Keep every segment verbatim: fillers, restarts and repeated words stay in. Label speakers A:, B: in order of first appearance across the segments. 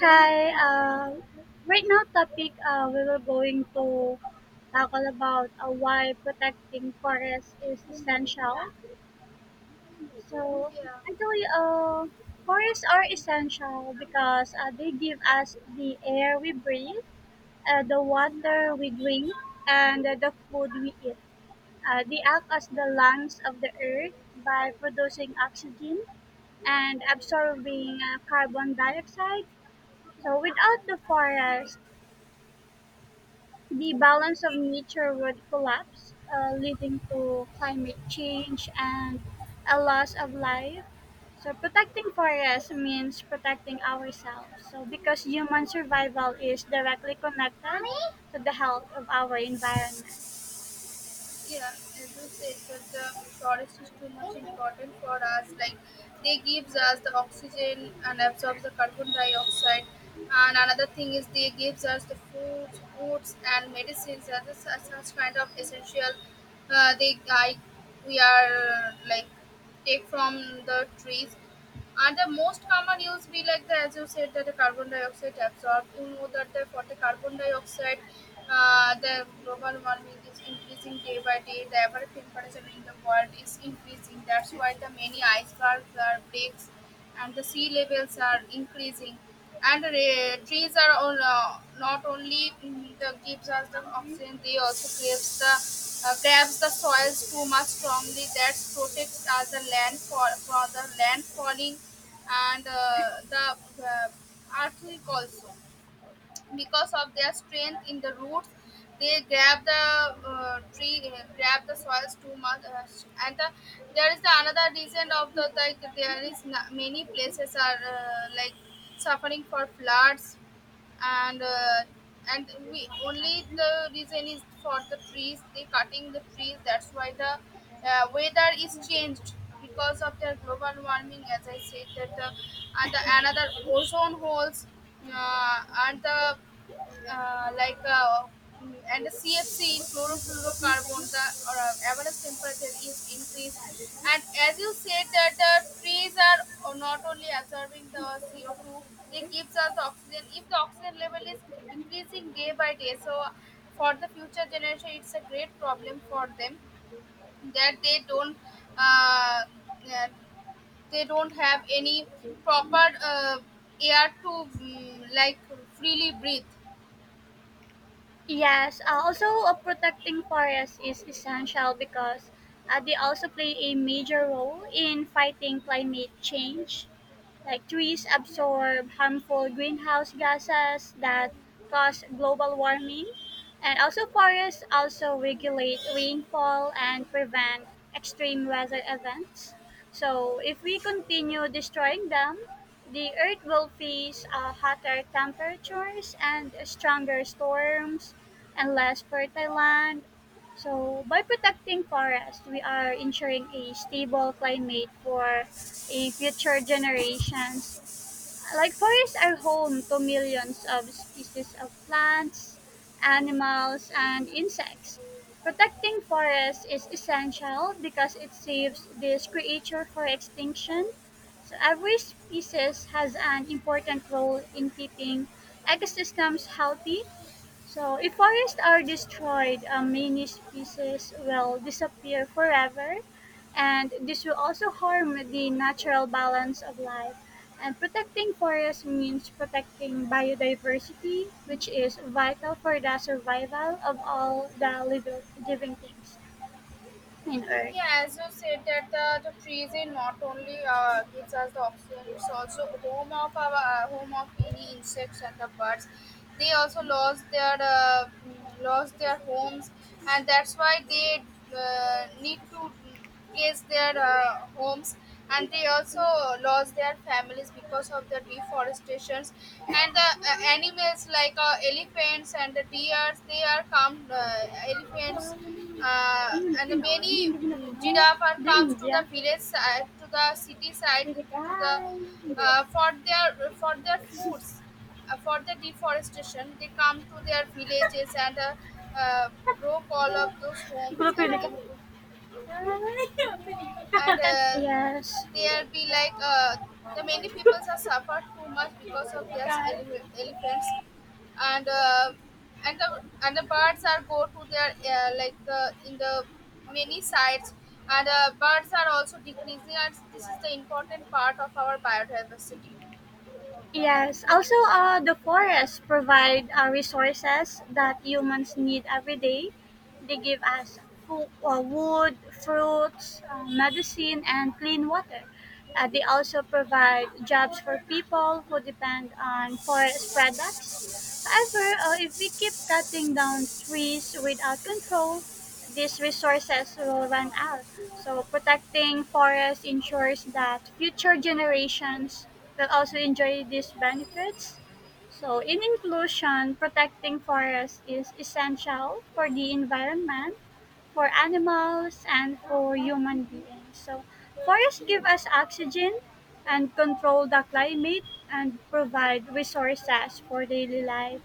A: Hi. Uh, right now, topic uh, we were going to tackle about uh, why protecting forests is essential. So
B: Yeah,
A: actually, uh, forests are essential because uh, they give us the air we breathe, uh, the water we drink, and uh, the food we eat. Uh, they act as the lungs of the earth by producing oxygen and absorbing uh, carbon dioxide. So without the forest, the balance of nature would collapse, uh, leading to climate change and a loss of life. So protecting forests means protecting ourselves. So because human survival is directly connected to the health of our environment.
B: yeah, as you said, that the forest is too much important for us. Like, they gives us the oxygen and absorbs the carbon dioxide. And another thing is they gives us the food, foods and medicines as a, such, such kind of essential. Uh, they I, we are uh, like take from the trees. And the most common use be like the as you said that the carbon dioxide absorbed. You know that the, for the carbon dioxide, uh, the global warming is increasing day by day. The average temperature in the world is increasing. That's why the many icebergs are breaks, and the sea levels are increasing. And uh, trees are all, uh, not only mm, the gives us the oxygen; they also gives the uh, grabs the soils too much strongly. That protects us the land for for the land falling and uh, the uh, earthquake also because of their strength in the roots they grab the uh, tree uh, grab the soils too much uh, and the, there is the another reason of the like there is na many places are uh, like suffering for floods and uh, and we only the reason is for the trees they cutting the trees, that's why the uh, weather is changed because of their global warming as I said that the and the another ozone holes uh, and the uh, like uh, mm, and the C F C chlorofluorocarbon the or, uh, average temperature is increased, and as you said that the trees are not only absorbing the C O two, they gives us the oxygen. If the oxygen level is decreasing day by day, so for the future generation it's a great problem for them that they don't uh, uh, they don't have any proper uh, air to mm, like freely breathe.
A: Yes, uh, also uh, protecting forests is essential because uh, they also play a major role in fighting climate change, like trees absorb harmful greenhouse gases that cause global warming. And also forests also regulate rainfall and prevent extreme weather events. So if we continue destroying them, the earth will face uh, hotter temperatures and stronger storms and less fertile land. So by protecting forests, we are ensuring a stable climate for a future generations. Like forests are home to millions of species of plants, animals, and insects. Protecting forests is essential because it saves this creature for extinction. So every species has an important role in keeping ecosystems healthy. So if forests are destroyed, uh, many species will disappear forever, and this will also harm the natural balance of life. And protecting forests means protecting biodiversity, which is vital for the survival of all the living, living things in Earth.
B: Yeah, as you said that the, the trees in not only uh, gives us the oxygen, it's also home of our uh, home of any insects and the birds. They also lost their uh, mm, lost their homes, and that's why they uh, need to place their uh, homes, and they also lost their families because of the deforestations, and the uh, animals like uh, elephants and the deers they are come uh, elephants uh, and the many mm, giraffe are
A: The
B: comes to the
A: India.
B: village side, to the city side,
A: Pwede ka.
B: to the uh, for their for their foods. Uh, for the deforestation they come to their villages and uh, uh, broke all of those
A: Ah,
B: homes and
A: pwede ka?
B: anything, and uh,
A: Yes.
B: there be like uh, the many peoples are suffered too much because of their ele- elephants, and uh, and the and the birds are go to their uh, like the in the many sites, and uh, birds are also decreasing, and this is the important part of our biodiversity.
A: Yes. Also, uh, the forests provide uh, resources that humans need every day. They give us food, uh, wood, fruits, uh, medicine, and clean water. Uh, they also provide jobs for people who depend on forest products. However, uh, if we keep cutting down trees without control, these resources will run out. So protecting forests ensures that future generations will also enjoy these benefits. So in inclusion, protecting forests is essential for the environment, for animals, and for human beings. So forests give us oxygen and control the climate and provide resources for daily life.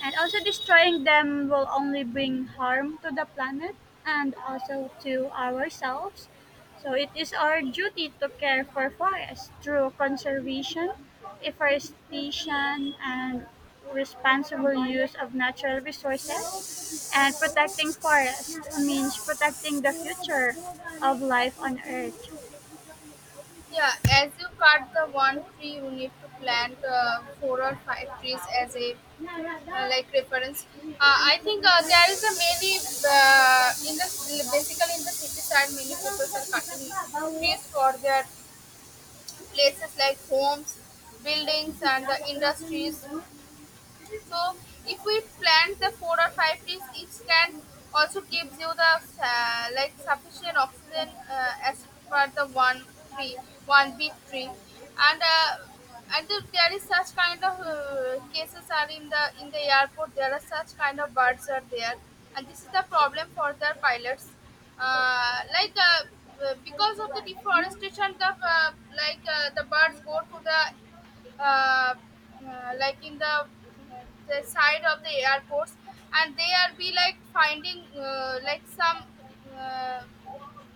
A: And also, destroying them will only bring harm to the planet and also to ourselves. So it is our duty to care for forests through conservation, afforestation, and responsible use of natural resources. And protecting forests means protecting the future of life on Earth.
B: Yeah, as you cut the one tree you need to plant uh, four or five trees as a uh, like reference. Uh, I think uh, there is a mainly uh, in the basically in the city side, many people are cutting trees for their places like homes, buildings, and the industries. So if we plant the four or five trees, each can also gives you the uh, like sufficient oxygen uh, as per the one tree, one big tree, and uh, and there there is such kind of uh, cases are in the in the airport. There are such kind of birds are there, and this is the problem for the pilots. Uh, like uh, uh, because of the deforestation, the uh, like uh, the birds go to the uh, uh, like in the uh, the side of the airports, and they are be like finding uh, like some uh,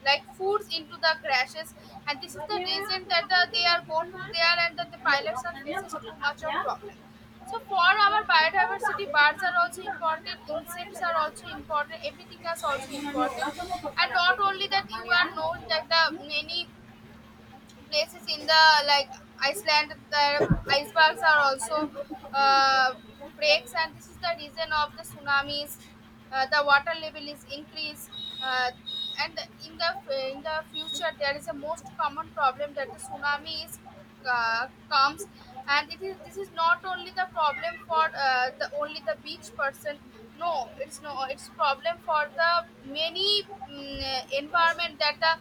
B: like foods into the crashes, and this is the reason that the, they are go to there, and that the pilots are faces too much of problem. So for our biodiversity, birds are also important, insects are also important, everything is also important. And not only that, you are known that the many places in the like Iceland, the icebergs are also uh, breaks, and this is the reason of the tsunamis. Uh, the water level is increased, uh, and in the in the future there is a most common problem that the tsunami is uh, comes, and it is this is not only the problem for uh, the only the beach person. No, it's no it's problem for the many mm, environment, that the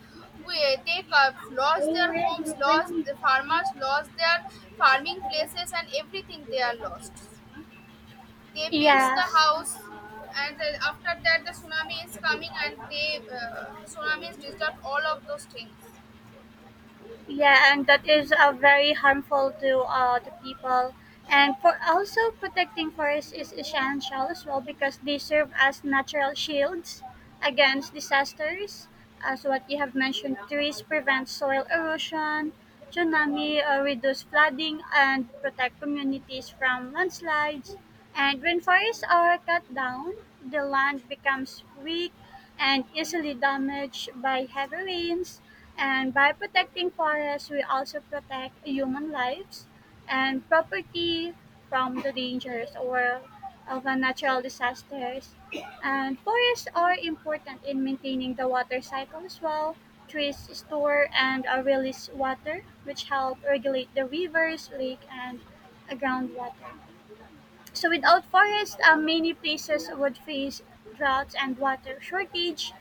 B: we, they co- lost their homes, lost the farmers, lost their farming places, and everything they are lost. They built the
A: Yes.
B: house, and then after that the tsunami is coming, and they uh, the tsunami is disturbed all of those things.
A: Yeah, and that is uh, very harmful to uh, the people. And for also protecting forests is essential as well because they serve as natural shields against disasters. As what you have mentioned, trees prevent soil erosion, tsunami, uh, reduce flooding, and protect communities from landslides. And when forests are cut down, the land becomes weak and easily damaged by heavy rains. And by protecting forests, we also protect human lives and property from the dangers or of a natural disasters. And forests are important in maintaining the water cycle as well. Trees store and uh, release water, which help regulate the rivers, lake, and uh, groundwater. So without forests, uh, many places would face droughts and water shortage.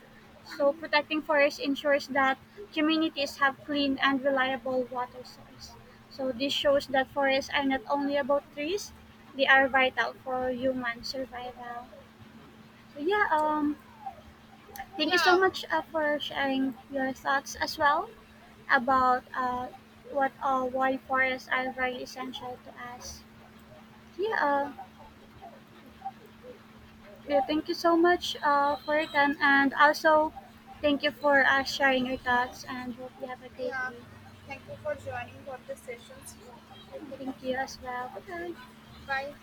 A: So protecting forests ensures that communities have clean and reliable water source. So this shows that forests are not only about trees, they are vital for human survival. So yeah, um, thank you so
B: yeah
A: much uh, for sharing your thoughts as well about uh, what uh, why forests are very essential to us. Yeah,
B: yeah
A: uh, Yeah, thank you so much uh, for your time, and also thank you for uh, sharing your thoughts. And hope you have a great
B: Yeah,
A: day.
B: thank you for joining for the sessions.
A: And
B: Okay then,
A: thank you as well. Bye.
B: bye.